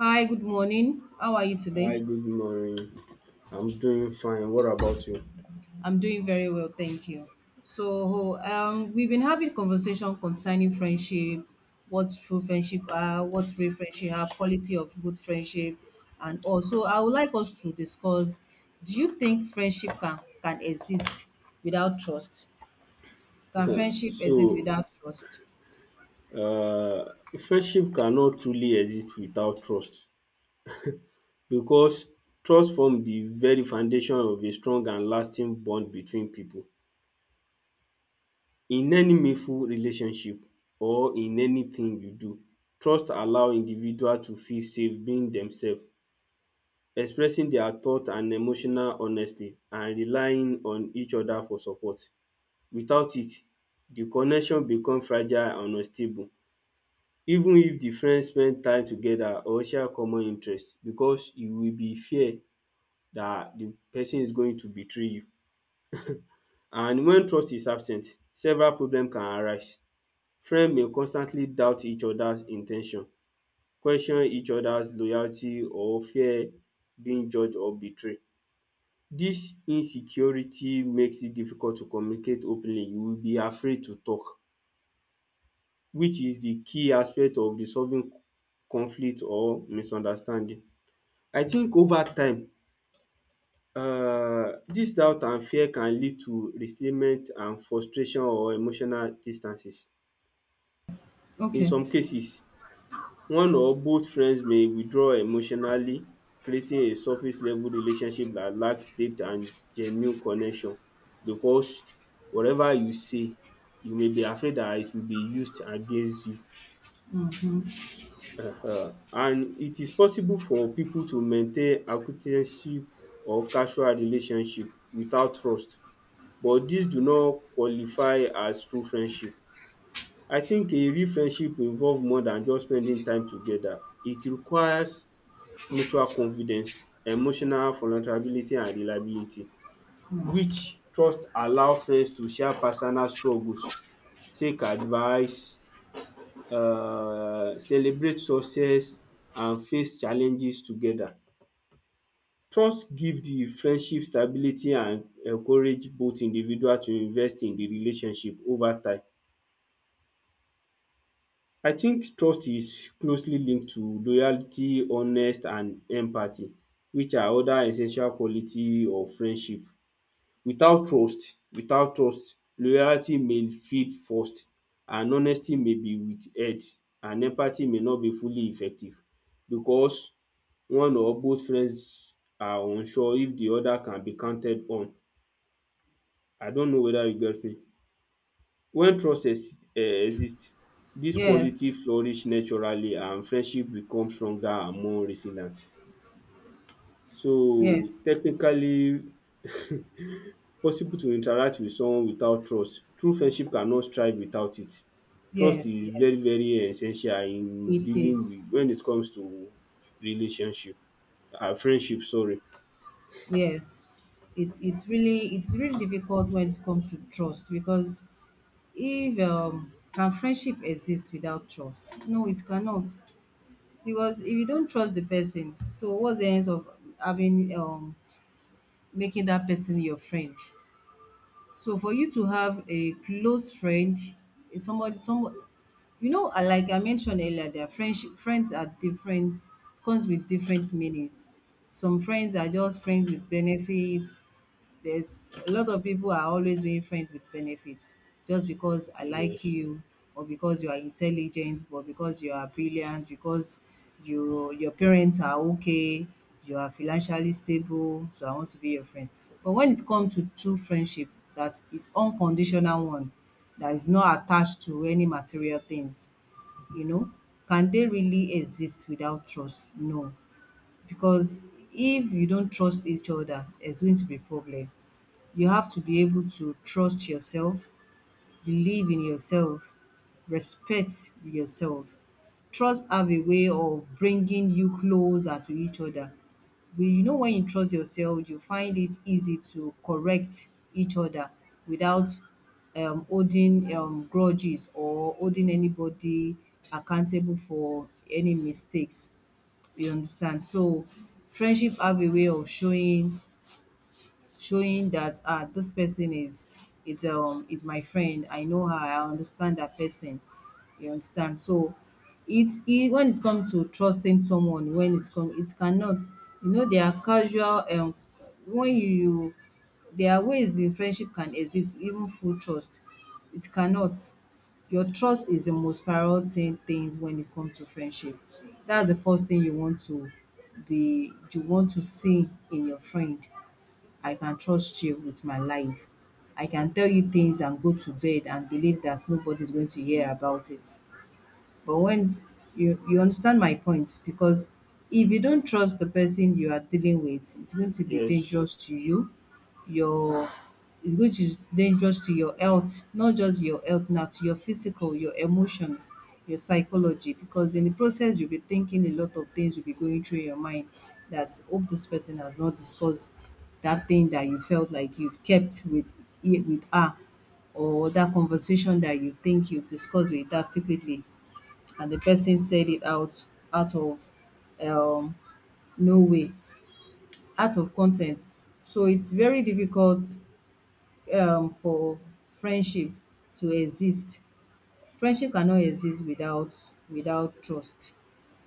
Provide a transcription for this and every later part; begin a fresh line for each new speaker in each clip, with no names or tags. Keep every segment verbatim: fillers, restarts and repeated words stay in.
Hi, good morning. How are you today?
Hi, good morning. I'm doing fine. What about you?
I'm doing very well, thank you. So, um, we've been having conversation concerning friendship, what true friendship are, what real friendship are, quality of good friendship, and also I would like us to discuss, do you think friendship can can exist without trust? Can friendship exist
So,
without trust?
uh, friendship cannot truly exist without trust because trust forms the very foundation of a strong and lasting bond between people. In any meaningful relationship or in anything you do, trust allow individual to feel safe being themselves, expressing their thought and emotional honestly, and relying on each other for support. Without it, the connection become fragile and unstable even if the friends spend time together or share common interest because you will be fear that the person is going to betray you. And when trust is absent, several problem can arise. Friend may constantly doubt each other's in ten tion, question each other's loyalty or fear being judge or betray. Dis insecurity makes it difficult to communicate openly. You will be afraid to talk, which is the key aspect of resolving conflict or misunderstanding. I think over time um dis doubt and fear can lead to restrainment and frustration or emotional distances. In
Okay.
some cases, one or both friends may withdraw emotionally, creating a surface level relationship that lack depth and genuine connection because whatever you say, you may be afraid dat it will be used against you. Um and it is possible for pipu to maintain acquaintanceship or casual relationship without trust, but dis do not qualify as true friendship. I think a real friendship involve more than just spending time together. It requires mutual confidence, emotional vulnerability and reliability, which trust allow friends to share personal struggles, seek advice, um celebrate success and face challenges together. Trust give the friendship stability and encourage both individual to invest in the relationship over time. I think trust is closely linked to loyalty, honest and empathy, which are other essential quality of friendship. Without trust without trust loyalty may feel forced, and honesty may be withheld, and empathy may not be fully effective because one or both friends are unsure if the other can be counted on. I don't know whether you get me. When trust ex um exist, dis quality
Yes.
flourish naturally and friendship become stronger and more resilient. So
Yes.
technically, possible to interact with someone without trust. True friendship cannot thrive without it. Trust
Yes.
is very
Yes.
very essential in
It
dealing
is.
with when it comes to relationship, um friendship, sorry.
Yes, it's it's really it's really difficult when it comes to trust because if um can friendship exist without trust? No, it cannot. Because if you don't trust the person, so what's the end of having um making that person your friend? So for you to have a close friend, is somebody somebody you know, I like I mentioned earlier their friendship friends are different, it comes with different meanings. Some friends are just friends with benefits. There's a lot of people are always doing friends with benefits just because I like
Yes.
you or because you are intelligent or because you are brilliant, because you your parents are okay, you are financially stable, so I want to be your friend. But when it comes to true friendship, that is unconditional one that is not attached to any material things, you know, can they really exist without trust? No. Because if you don't trust each other, it's going to be a problem. You have to be able to trust yourself, believe in yourself, respect yourself. Trust have a way of bringing you closer to each other. We, you know, when you trust yourself, you find it easy to correct each other without um, holding um, grudges or holding anybody accountable for any mistakes. You understand? So, friendship have a way of showing showing that ah this person is it's um is my friend, I know her, I understand that person, you understand, so it's it when it comes to trusting someone when it come it cannot, you know, there are casual um when you you there are ways in friendship can exist even full trust, it cannot. Your trust is the most priority thing things when it comes to friendship. That's the first thing you want to be you want to see in your friend. I can trust you with my life. I can tell you things and go to bed and believe that nobody's going to hear about it. But once you you understand my point, because if you don't trust the person you are dealing with, it's going to be
Yes,
dangerous to you. Your It's going to be dangerous to your health, not just your health now, to your physical, your emotions, your psychology. Because in the process, you'll be thinking a lot of things, you will be going through your mind that hope this person has not discussed that thing that you felt like you've kept with with her, or that conversation that you think you've discussed with her secretly, and the person said it out, out of, um, no way, out of content. So it's very difficult, um, for friendship to exist. Friendship cannot exist without without trust.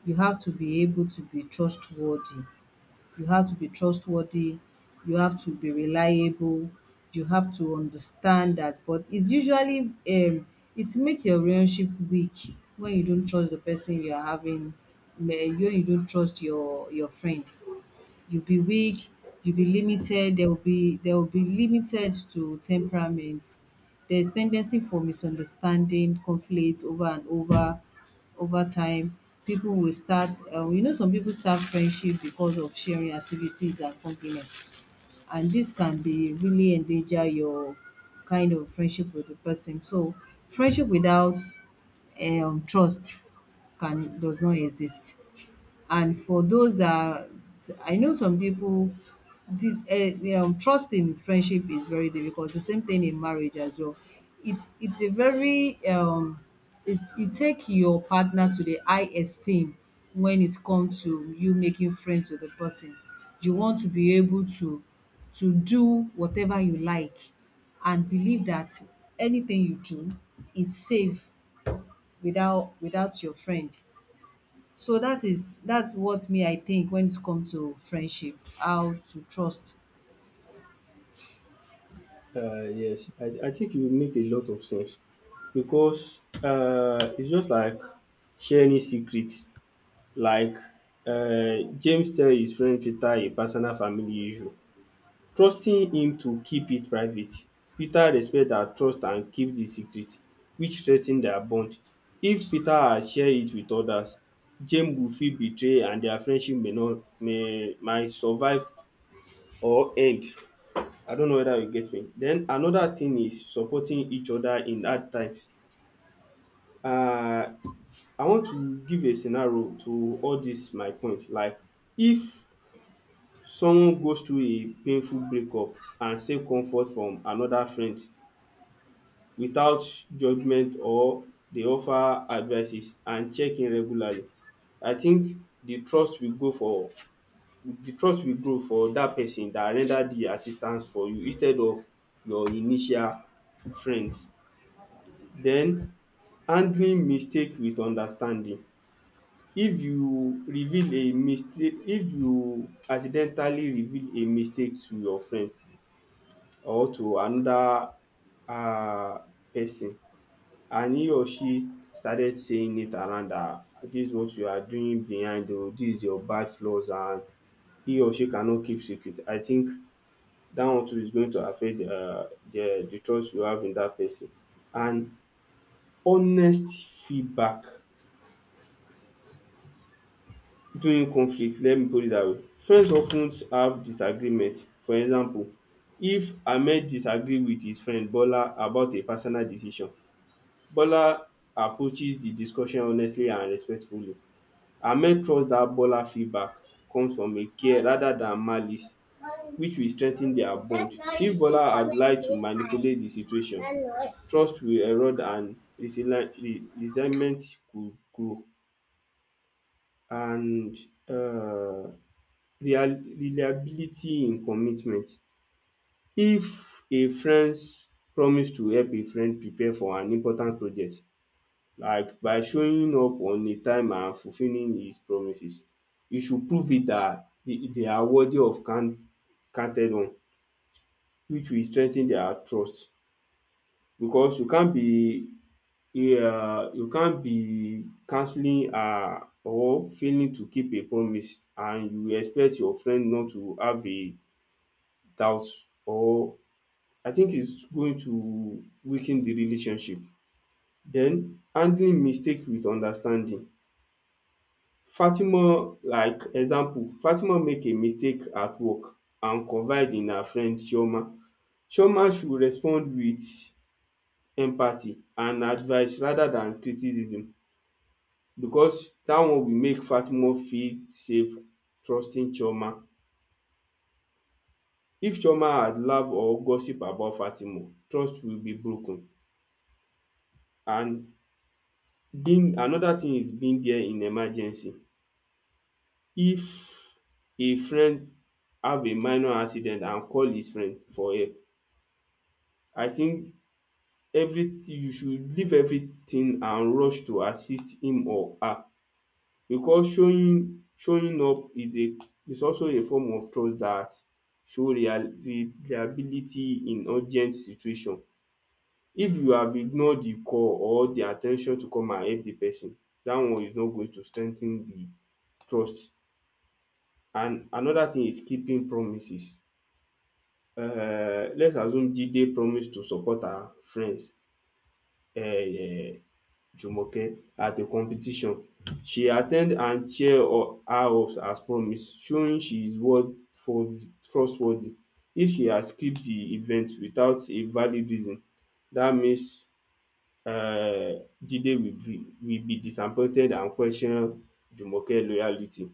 You have to be able to be trustworthy you have to be trustworthy, you have to be reliable, you have to understand that. But it's usually um it makes your relationship weak when you don't trust the person you are having, when you don't trust your your friend, you'll be weak, you'll be limited, there will be there will be limited to temperament. There's tendency for misunderstanding, conflict over and over over time. People will start, um, you know, some people start friendship because of sharing activities and compliments, and this can be really endanger your kind of friendship with the person. So friendship without um trust can does not exist. And for those that I know, some people did eh, um, trust in friendship is very difficult. The same thing in marriage as well. It's it's a very um, it you take your partner to the high esteem when it comes to you making friends with the person. You want to be able to to do whatever you like and believe that anything you do it's safe without without your friend. So that is that's what me I think when it comes to friendship, how to trust.
uh, yes. I, I think you make a lot of sense because, uh, it's just like sharing secrets. Like, uh, James tell his friend Peter a personal family issue, trusting him to keep it private. Peter respect that trust and keep the secret, which strengthen their bond. If Peter had share it with others, James will feel betray and their friendship may not may might survive or end. I don't know whether you get me. Den another thing is supporting each other in hard times. um I want to give a scenario to all dis my point. Like, if someone goes through a painful breakup and seek comfort from another friend without judgement or dey offer advices and check in regularly, I think the trust will go for the trust will grow for dat person dat render the assistance for you instead of your initial friends. Then handling mistake with understanding. If you reveal a mistake If you accidentally reveal a mistake to your friend or to another um person, and he or she started saying it around that dis is what you are doing behind oo, dis is your bad flaws and he or she cannot keep secret, I think dat one too is going to affect um the the trust you have in dat person. And honest feedback during conflict, let me put it that way. Friends of ten have disagreement. For example, if Ahmed disagree with his friend Bola about a personal decision, Bola approaches the discussion honestly and respectfully. Ahmed trust that Bola feedback comes from a care rather than malice, which will strengthen their bond. If Bola had lied to manipulate the situation, trust will erode and resentment could grow. And um reliability in commitment: if a friends promise to help a friend prepare for an important project, like by showing up on a time and fulfilling his promises, e should prove it that they are worthy of count counted on, which will strengthen their trust, because you can't be um you can't be cancelling um or failing to keep a promise and you expect your friend not to have a doubt, or I think it's going to weaken the relationship. Then handling mistake with understanding. Fatima, like example, Fatima make a mistake at work and confide in her friend Chioma. Chioma should respond with empathy and advice rather than criticism, because that one will make Fatima feel safe trusting Chioma. If Chioma had laugh or gossip about Fatima, trust will be broken. And being another thing is being there in emergency: if a friend have a minor accident and call his friend for help, I think everything, you should leave everything and rush to assist him or her, because showing showing up is a is also a form of trust that show rea reliability in urgent situation. If you have ignored the call or the at ten tion to come and help the person, that one is not going to strengthen the trust. And another thing is keeping promises. Um let's assume Jide promise to support her friends, um Jumoke, at a competition. She at ten d and cheer her up as promised, showing she is worth for trustworthy. If she had skipped the event without a valid reason, that means um Jide will be, will be disappointed and question Jumoke loyalty.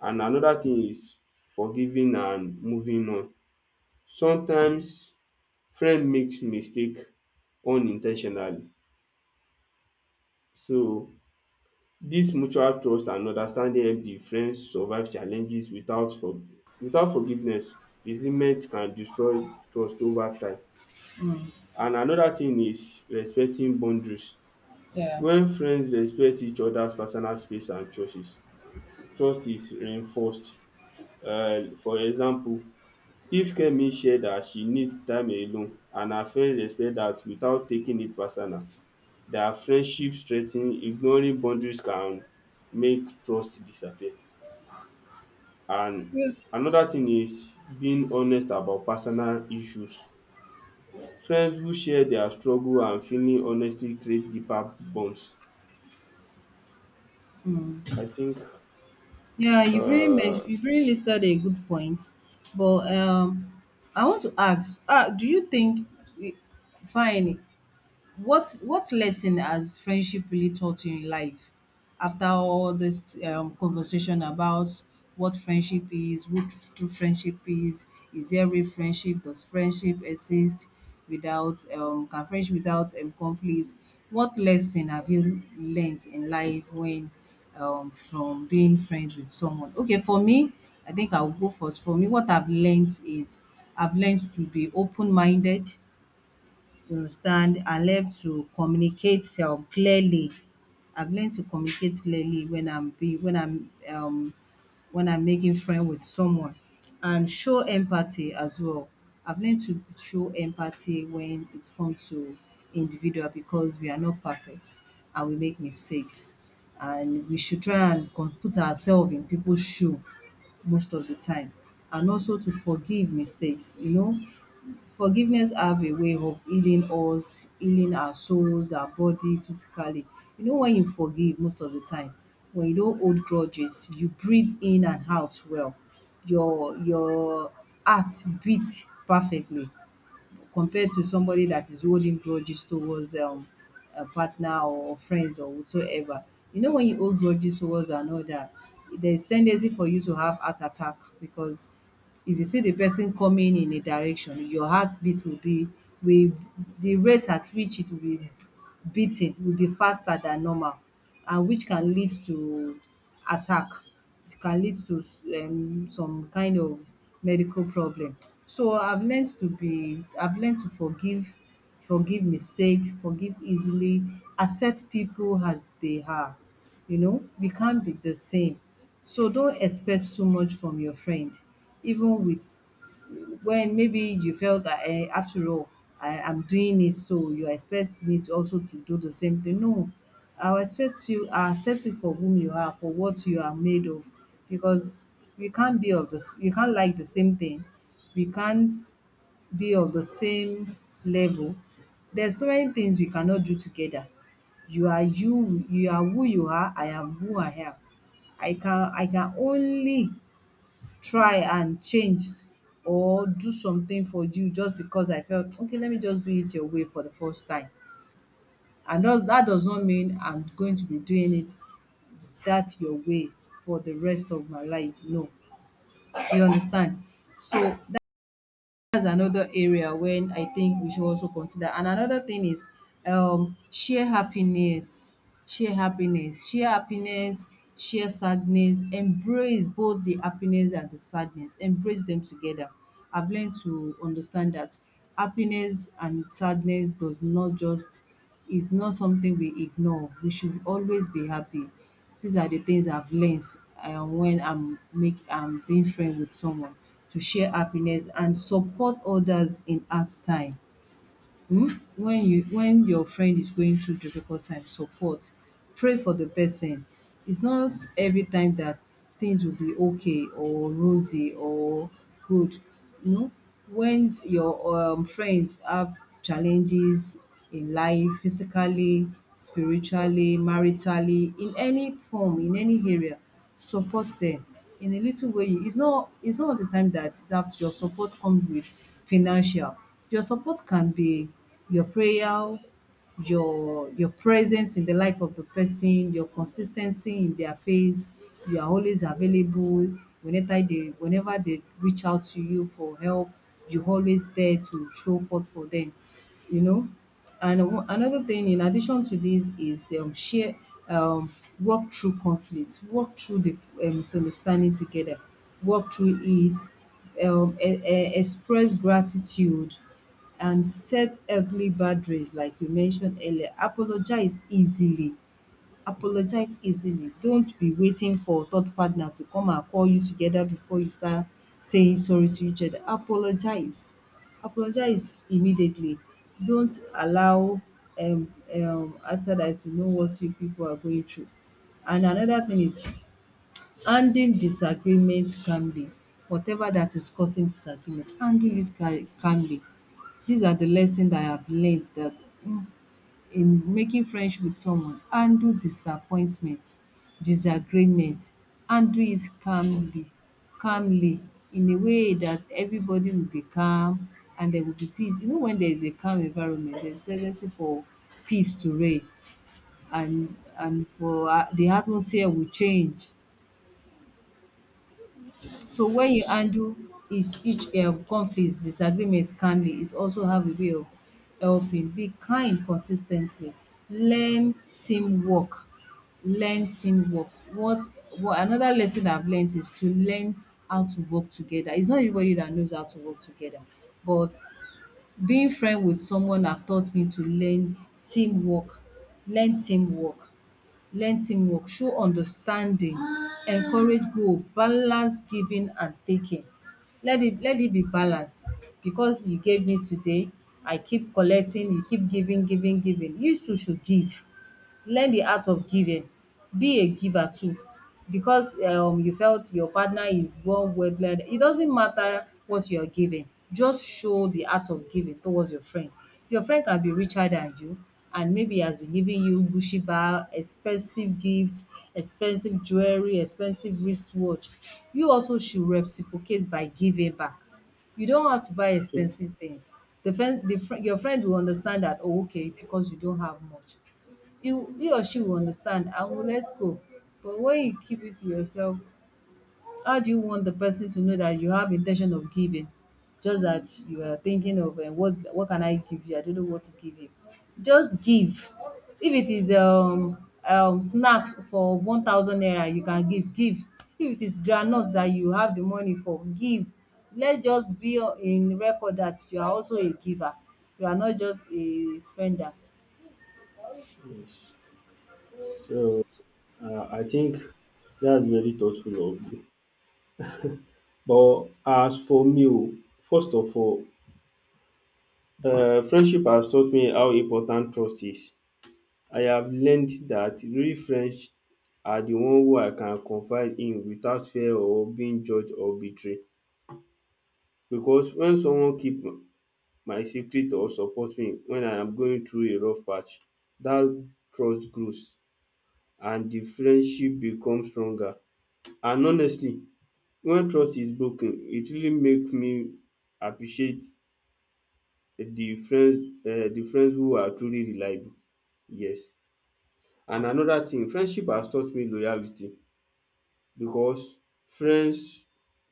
And another thing is forgiving and moving on. Sometimes friend makes mistake unintentionally, so this mutual trust and understanding help the friend survive challenges. Without for without forgiveness, resentment can destroy trust over time. And another thing is respecting boundaries.
Yeah.
When friends respect each other's personal space and choices, trust is reinforced. Uh, For example, if Kemi share dat she needs time alone and her friend respect that without taking it personal, their friendship straigh ignoring boundaries can make trust disappear. And another thing is being honest about personal issues. Friends who share their struggle and feeling honestly create deeper bonds. I think.
Yeah, you've really mentioned
um
you've really listed a good point, but um, I want to ask, uh, do you think, fine, What what lesson has friendship really taught you in life after all this, um, conversation about what friendship is, what true friendship is, is there real friendship, does friendship exist without um can friendship without um conflicts? What lesson have you learnt in life when um from being friends with someone? Okay, for me, I think I'll go first. For me, what I've learnt is I've learnt to be open minded, you understand, I learn to communicate um clearly. I've learned to communicate clearly when I'm being when I'm um when I'm making friend with someone, and show empathy as well. I've learned to show empathy when it comes to individual, because we are not perfect and we make mistakes, and we should try and con put ourselves in people's shoe most of the time, and also to forgive mistakes, you know. Forgiveness have a way of healing us, healing our souls, our body physically. You know, when you forgive most of the time, when you don't hold grudges, you breathe in and out well. Your your heart beats perfectly compared to somebody that is holding grudges towards, um, a partner or friends or whatsoever. You know, when you hold grudges towards another, there's tendency for you to have heart attack, because if you see the person coming in a direction, your heartbeat will be will the rate at which it will be beating will be faster than normal, and which can lead to attack, it can lead to, um, some kind of medical problem. So I've learned to be, I've learned to forgive, forgive mistakes, forgive easily, accept people as they are. You know, we can't be the same. So don't expect too much from your friend, even with when maybe you felt that, eh, after all, I am doing it, so you expect me to also to do the same thing. No, I will expect you, I accept you for whom you are, for what you are made of, because we can't be of the s we can't like the same thing. We can't be of the same level. There's so many things we cannot do together. You are you, you are who you are, I am who I am. I can I can only try and change or do something for you just because I felt, "Okay, let me just do it your way for the first time." And does that does not mean I'm going to be doing it that your way for the rest of my life. No. You understand? So that's another area when I think we should also consider. And another thing is, um, share happiness, share happiness, share happiness, share sadness, embrace both the happiness and the sadness, embrace them together. I've learned to understand that happiness and sadness does not just is not something we ignore. We should always be happy. These are the things I've learned, um when I'm make I'm being friend with someone, to share happiness and support others in hard time. um when you when your friend is going through difficult time, support, pray for the person. It's not every time that things will be okay or rosy or good. No, when your, um, friends have challenges in life, physically, spiritually, maritally, in any form, in any area, support them in a little way. It's not it's not all the time that it's that your support comes with financial. Your support can be your prayer, your your presence in the life of the person, your consistency in their face, you are always available whenever they whenever they reach out to you for help, you are always there to show forth for them, you know. And o- another thing in addition to this is, um, share, um, walk through conflict, walk through the, um, misunderstanding together, walk through it, um, e- e- express gratitude, and set healthy boundaries, like you mentioned earlier. Apologize easily apologize easily, don't be waiting for third partner to come and call you together before you start saying sorry to each other. Apologize apologize immediately. Don't allow um um outsider to know what you people are going through. And another thing is handling disagreement calmly. Whatever that is causing disagreement, handle this cal calmly. These are the lessons that I have learned, that in making friendship with someone, handle disappointment, disagreement, handle it calmly calmly in a way that everybody will be calm and there will be peace. You know, when there is a calm environment, there's tendency for peace to reign, and and for a the atmosphere will change. So when you
Yes.
handle each each um conflicts, disagreement calmly, it also have a way of helping. Be kind consis ten tly. Learn teamwork. Learn teamwork. What what another lesson I've learned is to learn how to work together. It's not everybody that knows how to work together, but being friend with someone have taught me to learn teamwork, learn teamwork, learn teamwork, show understanding, encourage goal, balance giving and taking. Let it let it be balance because you gave me today, I keep collecting, you keep giving, giving, giving. You too should give. Learn the art of giving. Be a giver too because um you felt your partner is one wavelength. It doesn't matter what you're giving. Just show the art of giving towards your friend. Your friend can be richer than you and maybe he has been giving you Gucci bag, expensive gifts, expensive jewelry, expensive wristwatch. You also should reciprocate by giving back. You don't have to buy expensive things. The friend the friend your friend will understand that, "Oh, okay, because you don't have much." he he or she will understand and will let go. But when you keep it to yourself, how do you want the person to know that you have intention of giving? Just that you are thinking of um, what what can I give you? I don't know what to give you. Just give. If it is um um snacks for one thousand naira, you can give give. If it is groundnut that you have the money for, give. Let just be o- in record that you are also a giver. You are not just a spender.
Yes, so, um I think that's very thoughtful of you. But as for me oo, first of all, um friendship has taught me how important trust is. I have learned that real friends are the one who I can confide in without fear of being judged or betrayed, because when someone keep my secret or support me when I am going through a rough patch, dat trust grows and the friendship become stronger. And honestly, when trust is broken, it really make me appreciate the friends, um the friends who are truly reliable. Yes. And another thing friendship has taught me: loyalty. Because friends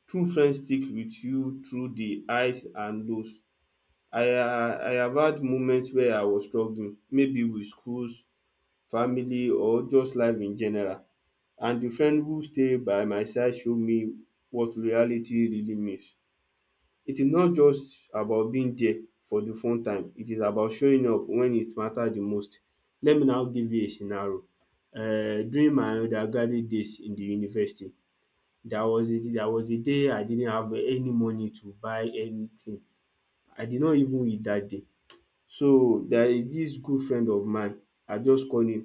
true friends stick with you through the highs and lows. I ha- I have had moments where I was struggling, maybe with schools, family or just life in general, and the friend who stay by my side show me what reality really means. It is not just about being there for the fun time, it is about showing up when it matter the most. Let me now give you a scenario. um During my undergraduate days in the university, there was a there was a day I didn't have any money to buy anything. I did not even eat that day. So, there is this good friend of mine. I just call him.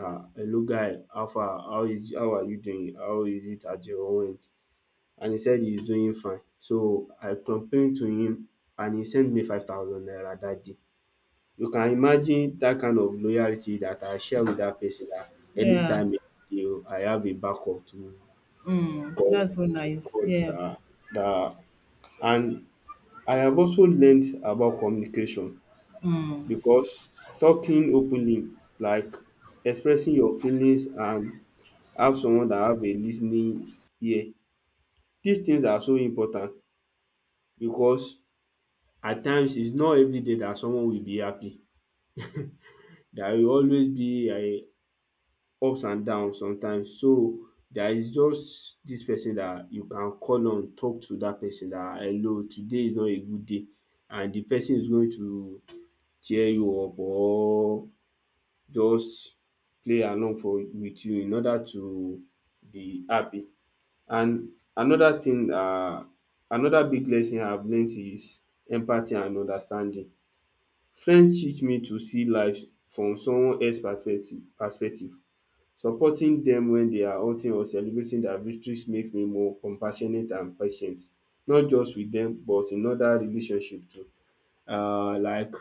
um Hello guy, how far, how is how are you doing? How is it at your end? And he said he's doing fine. So I complained to him, and he sent me five thousand naira that day. You can imagine that kind of loyalty that I share with that person, that
Yeah.
anytime, you I have a backup to
Mm, that's so nice.
call,
Yeah.
um that. And I have also learned about communication,
Mm,
because talking openly, like expressing your feelings and have someone that have a lis ten ing ear, dis things are so important, because at times it's not everyday that someone will be happy. There will always be um ups and downs sometimes. So there is just dis person that you can call on, talk to dat person dat hello, today is not a good day, and de person is going to cheer you up or just play along for with you in order to be happy. And another thing, um another big lesson I have learnt is empathy and understanding. Friends teach me to see life from someone else perspective perspective. Supporting dem when they are hurting or celebrating their victories make me more compassionate and patient, not just with dem but in other relationship too. um like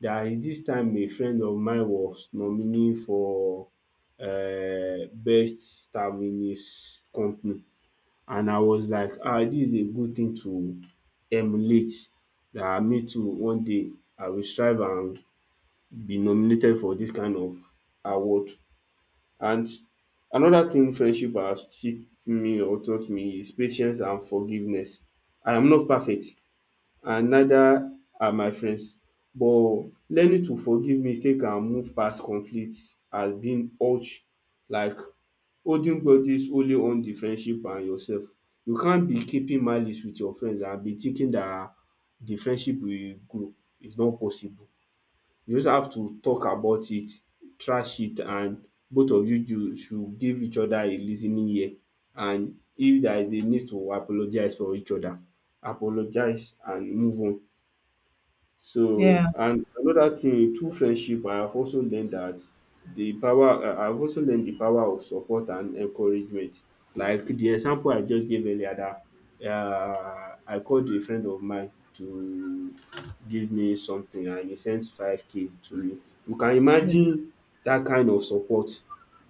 there is this time a friend of mine was nominee for uh, best staminist company, and I was like, ah, this is a good thing to emulate. That me too, one day I will strive and be nominated for this kind of award. And another thing friendship has taught me or taught me is patience and forgiveness. I am not perfect and neither are my friends, but learning to forgive mistake and move past conflict has been urge. Like, holding grudges only harm the friendship and yourself. You can't be keeping malice with your friends and be thinking that the friendship will grow. It's not possible. You just have to talk about it, trash it, and both of you you should give each other a lis ten ing ear, and if there is a need to apologize for each other, apologize and move on. So,
yeah.
and another thing, through friendship, I have also learned that the power, I- I've also learned the power of support and encouragement. Like the example I just gave earlier, that uh, I called a friend of mine to give me something, and he sent five k to me. You can
Yeah.
imagine that kind of support.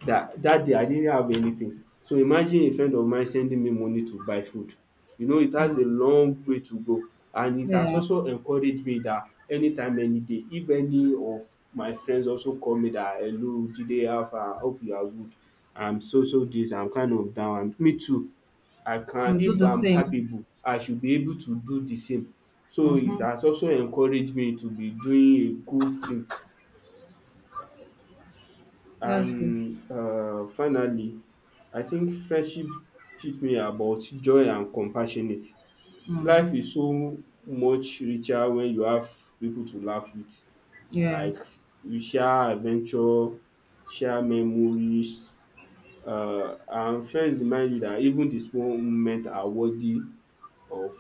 That, that day, I didn't have anything. So, imagine a friend of mine sending me money to buy food. You know, it has
Mm,
a long way to go. And it has
yeah.
also encouraged me that anytime, any day, if any of my friends also call me that, hello, Jide, how far? Hope you are good. I'm so, so this, I'm kind of down. And me too, I can,
You do
if
the
I'm
same.
capable, I should be able to do the same. So it
Mm-hmm.
has also encouraged me to be doing a good thing.
That's good.
And uh, finally, I think friendship teach me about joy and compassionate.
Mm,
Life is so much richer when you have people to laugh with, like
yes.
we share adventure, share memories, um and friends remind you that even the small moment are worthy of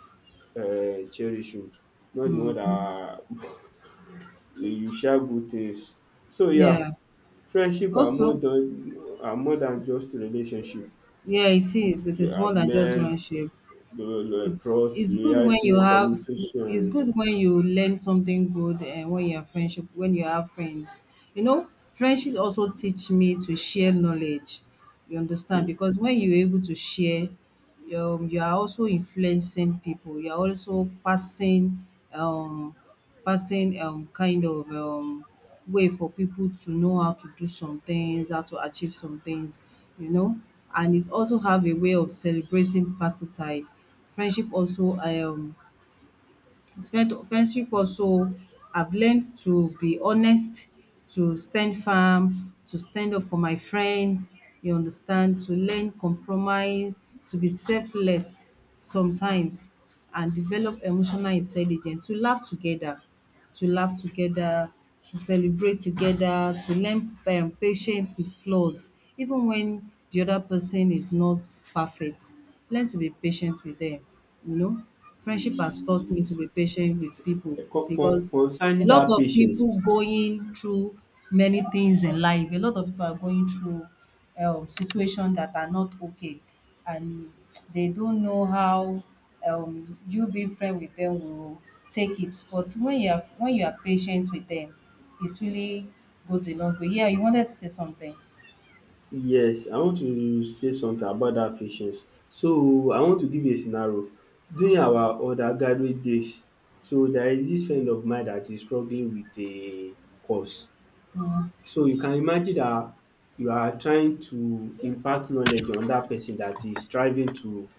um cherishing, not the one
Mm-hmm.
dat you you share good things. So yeah,
Yeah.
friendship are more
Also,
than are more than just relationship.
yeah, it is. It
We
is more
have
than just
learnt
friendship.
the lo-
It's
trust,
it's good when
loyalty,
you have, it's
communication,
good when you learn something good and when you have friendship, when you have friends. You know, friendships also teach me to share knowledge. You understand?
um
Because when you're able to share, um, you are also influencing people. You are also passing um passing um kind of um way for people to know how to do some things, how to achieve some things, you know. And it also have a way of celebrating versatile. Friendship also um friend friendship also I've learned to be honest, to stand firm, to stand up for my friends, you understand, to learn compromise, to be selfless sometimes and develop emotional intelligence, to laugh together, to laugh together, to celebrate together, to learn um patience with flaws, even when the other person is not perfect. Learn to be patient with them, you know. Friendship has taught me to
um
be patient with people
con con
because a
concerning
lot
dat
of
patience.
people going through many things in life. A lot of people are going through um, situation that are not okay and they don't know how, um, you being friend with them will take it, but when you are when you are patient with them it really goes a long way. Yeah, you wanted to say something.
Yes, I want to say something about dat patience. So I want to give a scenario during our undergraduate days. So there is dis friend of mine dat is struggling with a course. So you can imagine dat you are trying to impart knowledge on dat person dat is striving to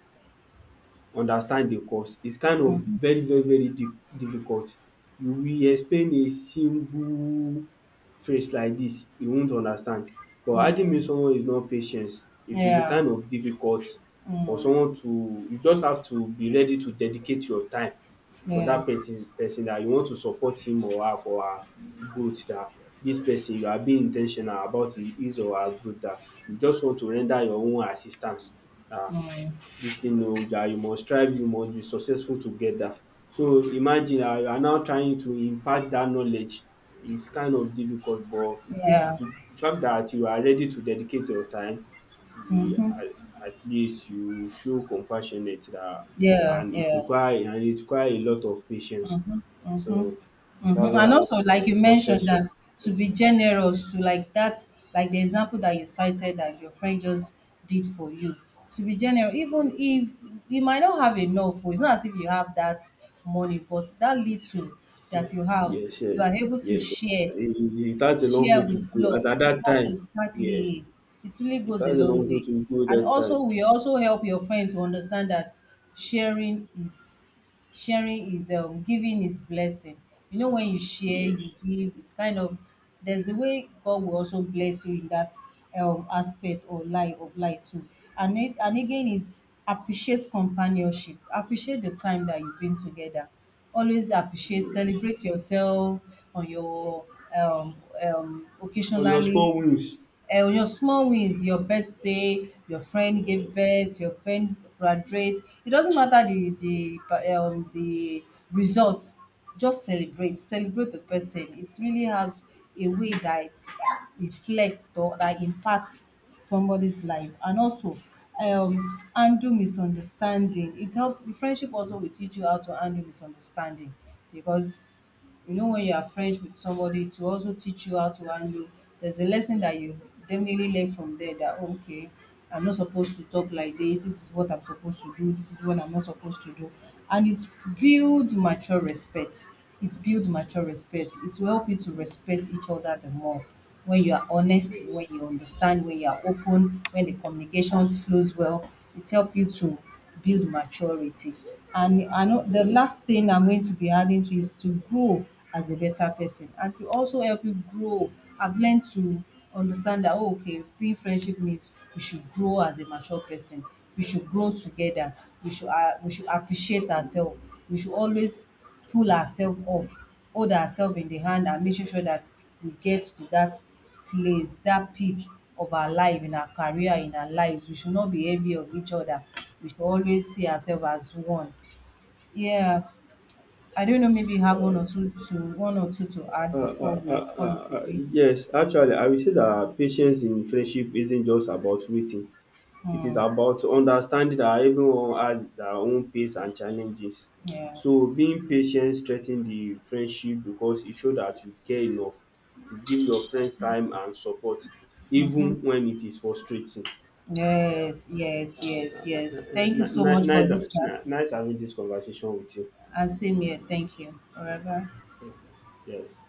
understand the cause. It's kind of
Mm,
very very very di difficult. You will explain a single phrase like this. E won't understand. But arguing
mm,
with someone is not patience. It will be
yeah.
kind of difficult for
Mm,
someone to, you just have to be ready to dedicate your time for
yeah.
that person. Person that you want to support him or her, for her growth, that this person you are being in ten tional about hi- his or her growth, that you just want to render your own assistance. um
Mm,
this thing, oh, um you must strive, you must be successful together. So imagine, um you are now trying to impart that knowledge, is kind of difficult, but
yeah.
the the fact that you are ready to dedicate your time, you
Mm-hmm,
um at least you show compassionate dat,
yeah,
and it
yeah.
require and it require a lot of patience.
Hmm.
So
Hmm.
that's what I
And
want
also, like
to
you mentioned,
buttress your,
that to be generous to like that, like the example that you cited that your friend just did for you, to be generous, even if you might not have enough, it's not as if you have that money, but that little
yes,
that you have,
yes,
you are able to
yes, yes.
share.
It it it has a long
Share
way to
with
go as
love.
at dat
It has,
time. Yes.
exactly. It really
It
goes a
has a long
long
way
way.
to go
And
that time.
also, we also help your friend to understand that sharing is sharing is um giving is blessing. You know, when you share, you
Yes.
give. It's kind of, there's a way God will also bless you in that um aspect or life of life too. And it, and again is, appreciate companionship. Appreciate the time that you've been together, always appreciate,
Yes.
celebrate yourself on your um, um
On your
occasionally,
small wheels.
uh, your small wins, your birthday, your friend gave birth, your friend graduate. It doesn't matter the the eh, um, the results. Just celebrate, celebrate the person. It really has a way that reflects or that impacts somebody's life, and also um handle misunderstanding. It help, friendship also will teach you how to handle misunderstanding because you know, when you are friends with somebody, to also teach you how to handle. There's a lesson that you definitely learn from there that, okay, I'm not supposed to talk like this. This is what I'm supposed to do. This is what I'm not supposed to do. And it builds mature respect. It builds mature respect. It will help you to respect each other the more when you are honest,
Yes.
when you understand, when you are open, when the communications flows well. It helps you to build maturity. And I know the
Yes.
last thing I'm going to be adding to is to grow as a better person and to also help you grow. I've learned to understand that, oh, okay, being friendship means we should grow as a mature person. We should grow together. We should uh, we should appreciate ourselves. We should always pull ourselves up, hold ourselves in the hand and making sure that we get to that place, that peak of our life, in our career, in our lives. We should not be envy of each other. We should always see ourselves as one. Yeah. I don't know, maybe you have one
Uh,
or two to one or two to
Uh,
add before
uh, uh,
we call it
uh,
a
uh,
day.
yes, actually, I will say that patience in friendship isn't just about waiting. It is
Hmm.
about understanding that everyone has their own pace and challenges.
Yeah.
So, being patient strengthens the friendship because it shows that you care enough to give your friend time and support, even when it is frustrating. Yeah.
Yes, yes,
Ah,
yes, yes. Thank you so much for
nice,
this chat.
n- nice having this conversation with you.
And same here. Thank you. All
Uh,
right, bye.
Yes.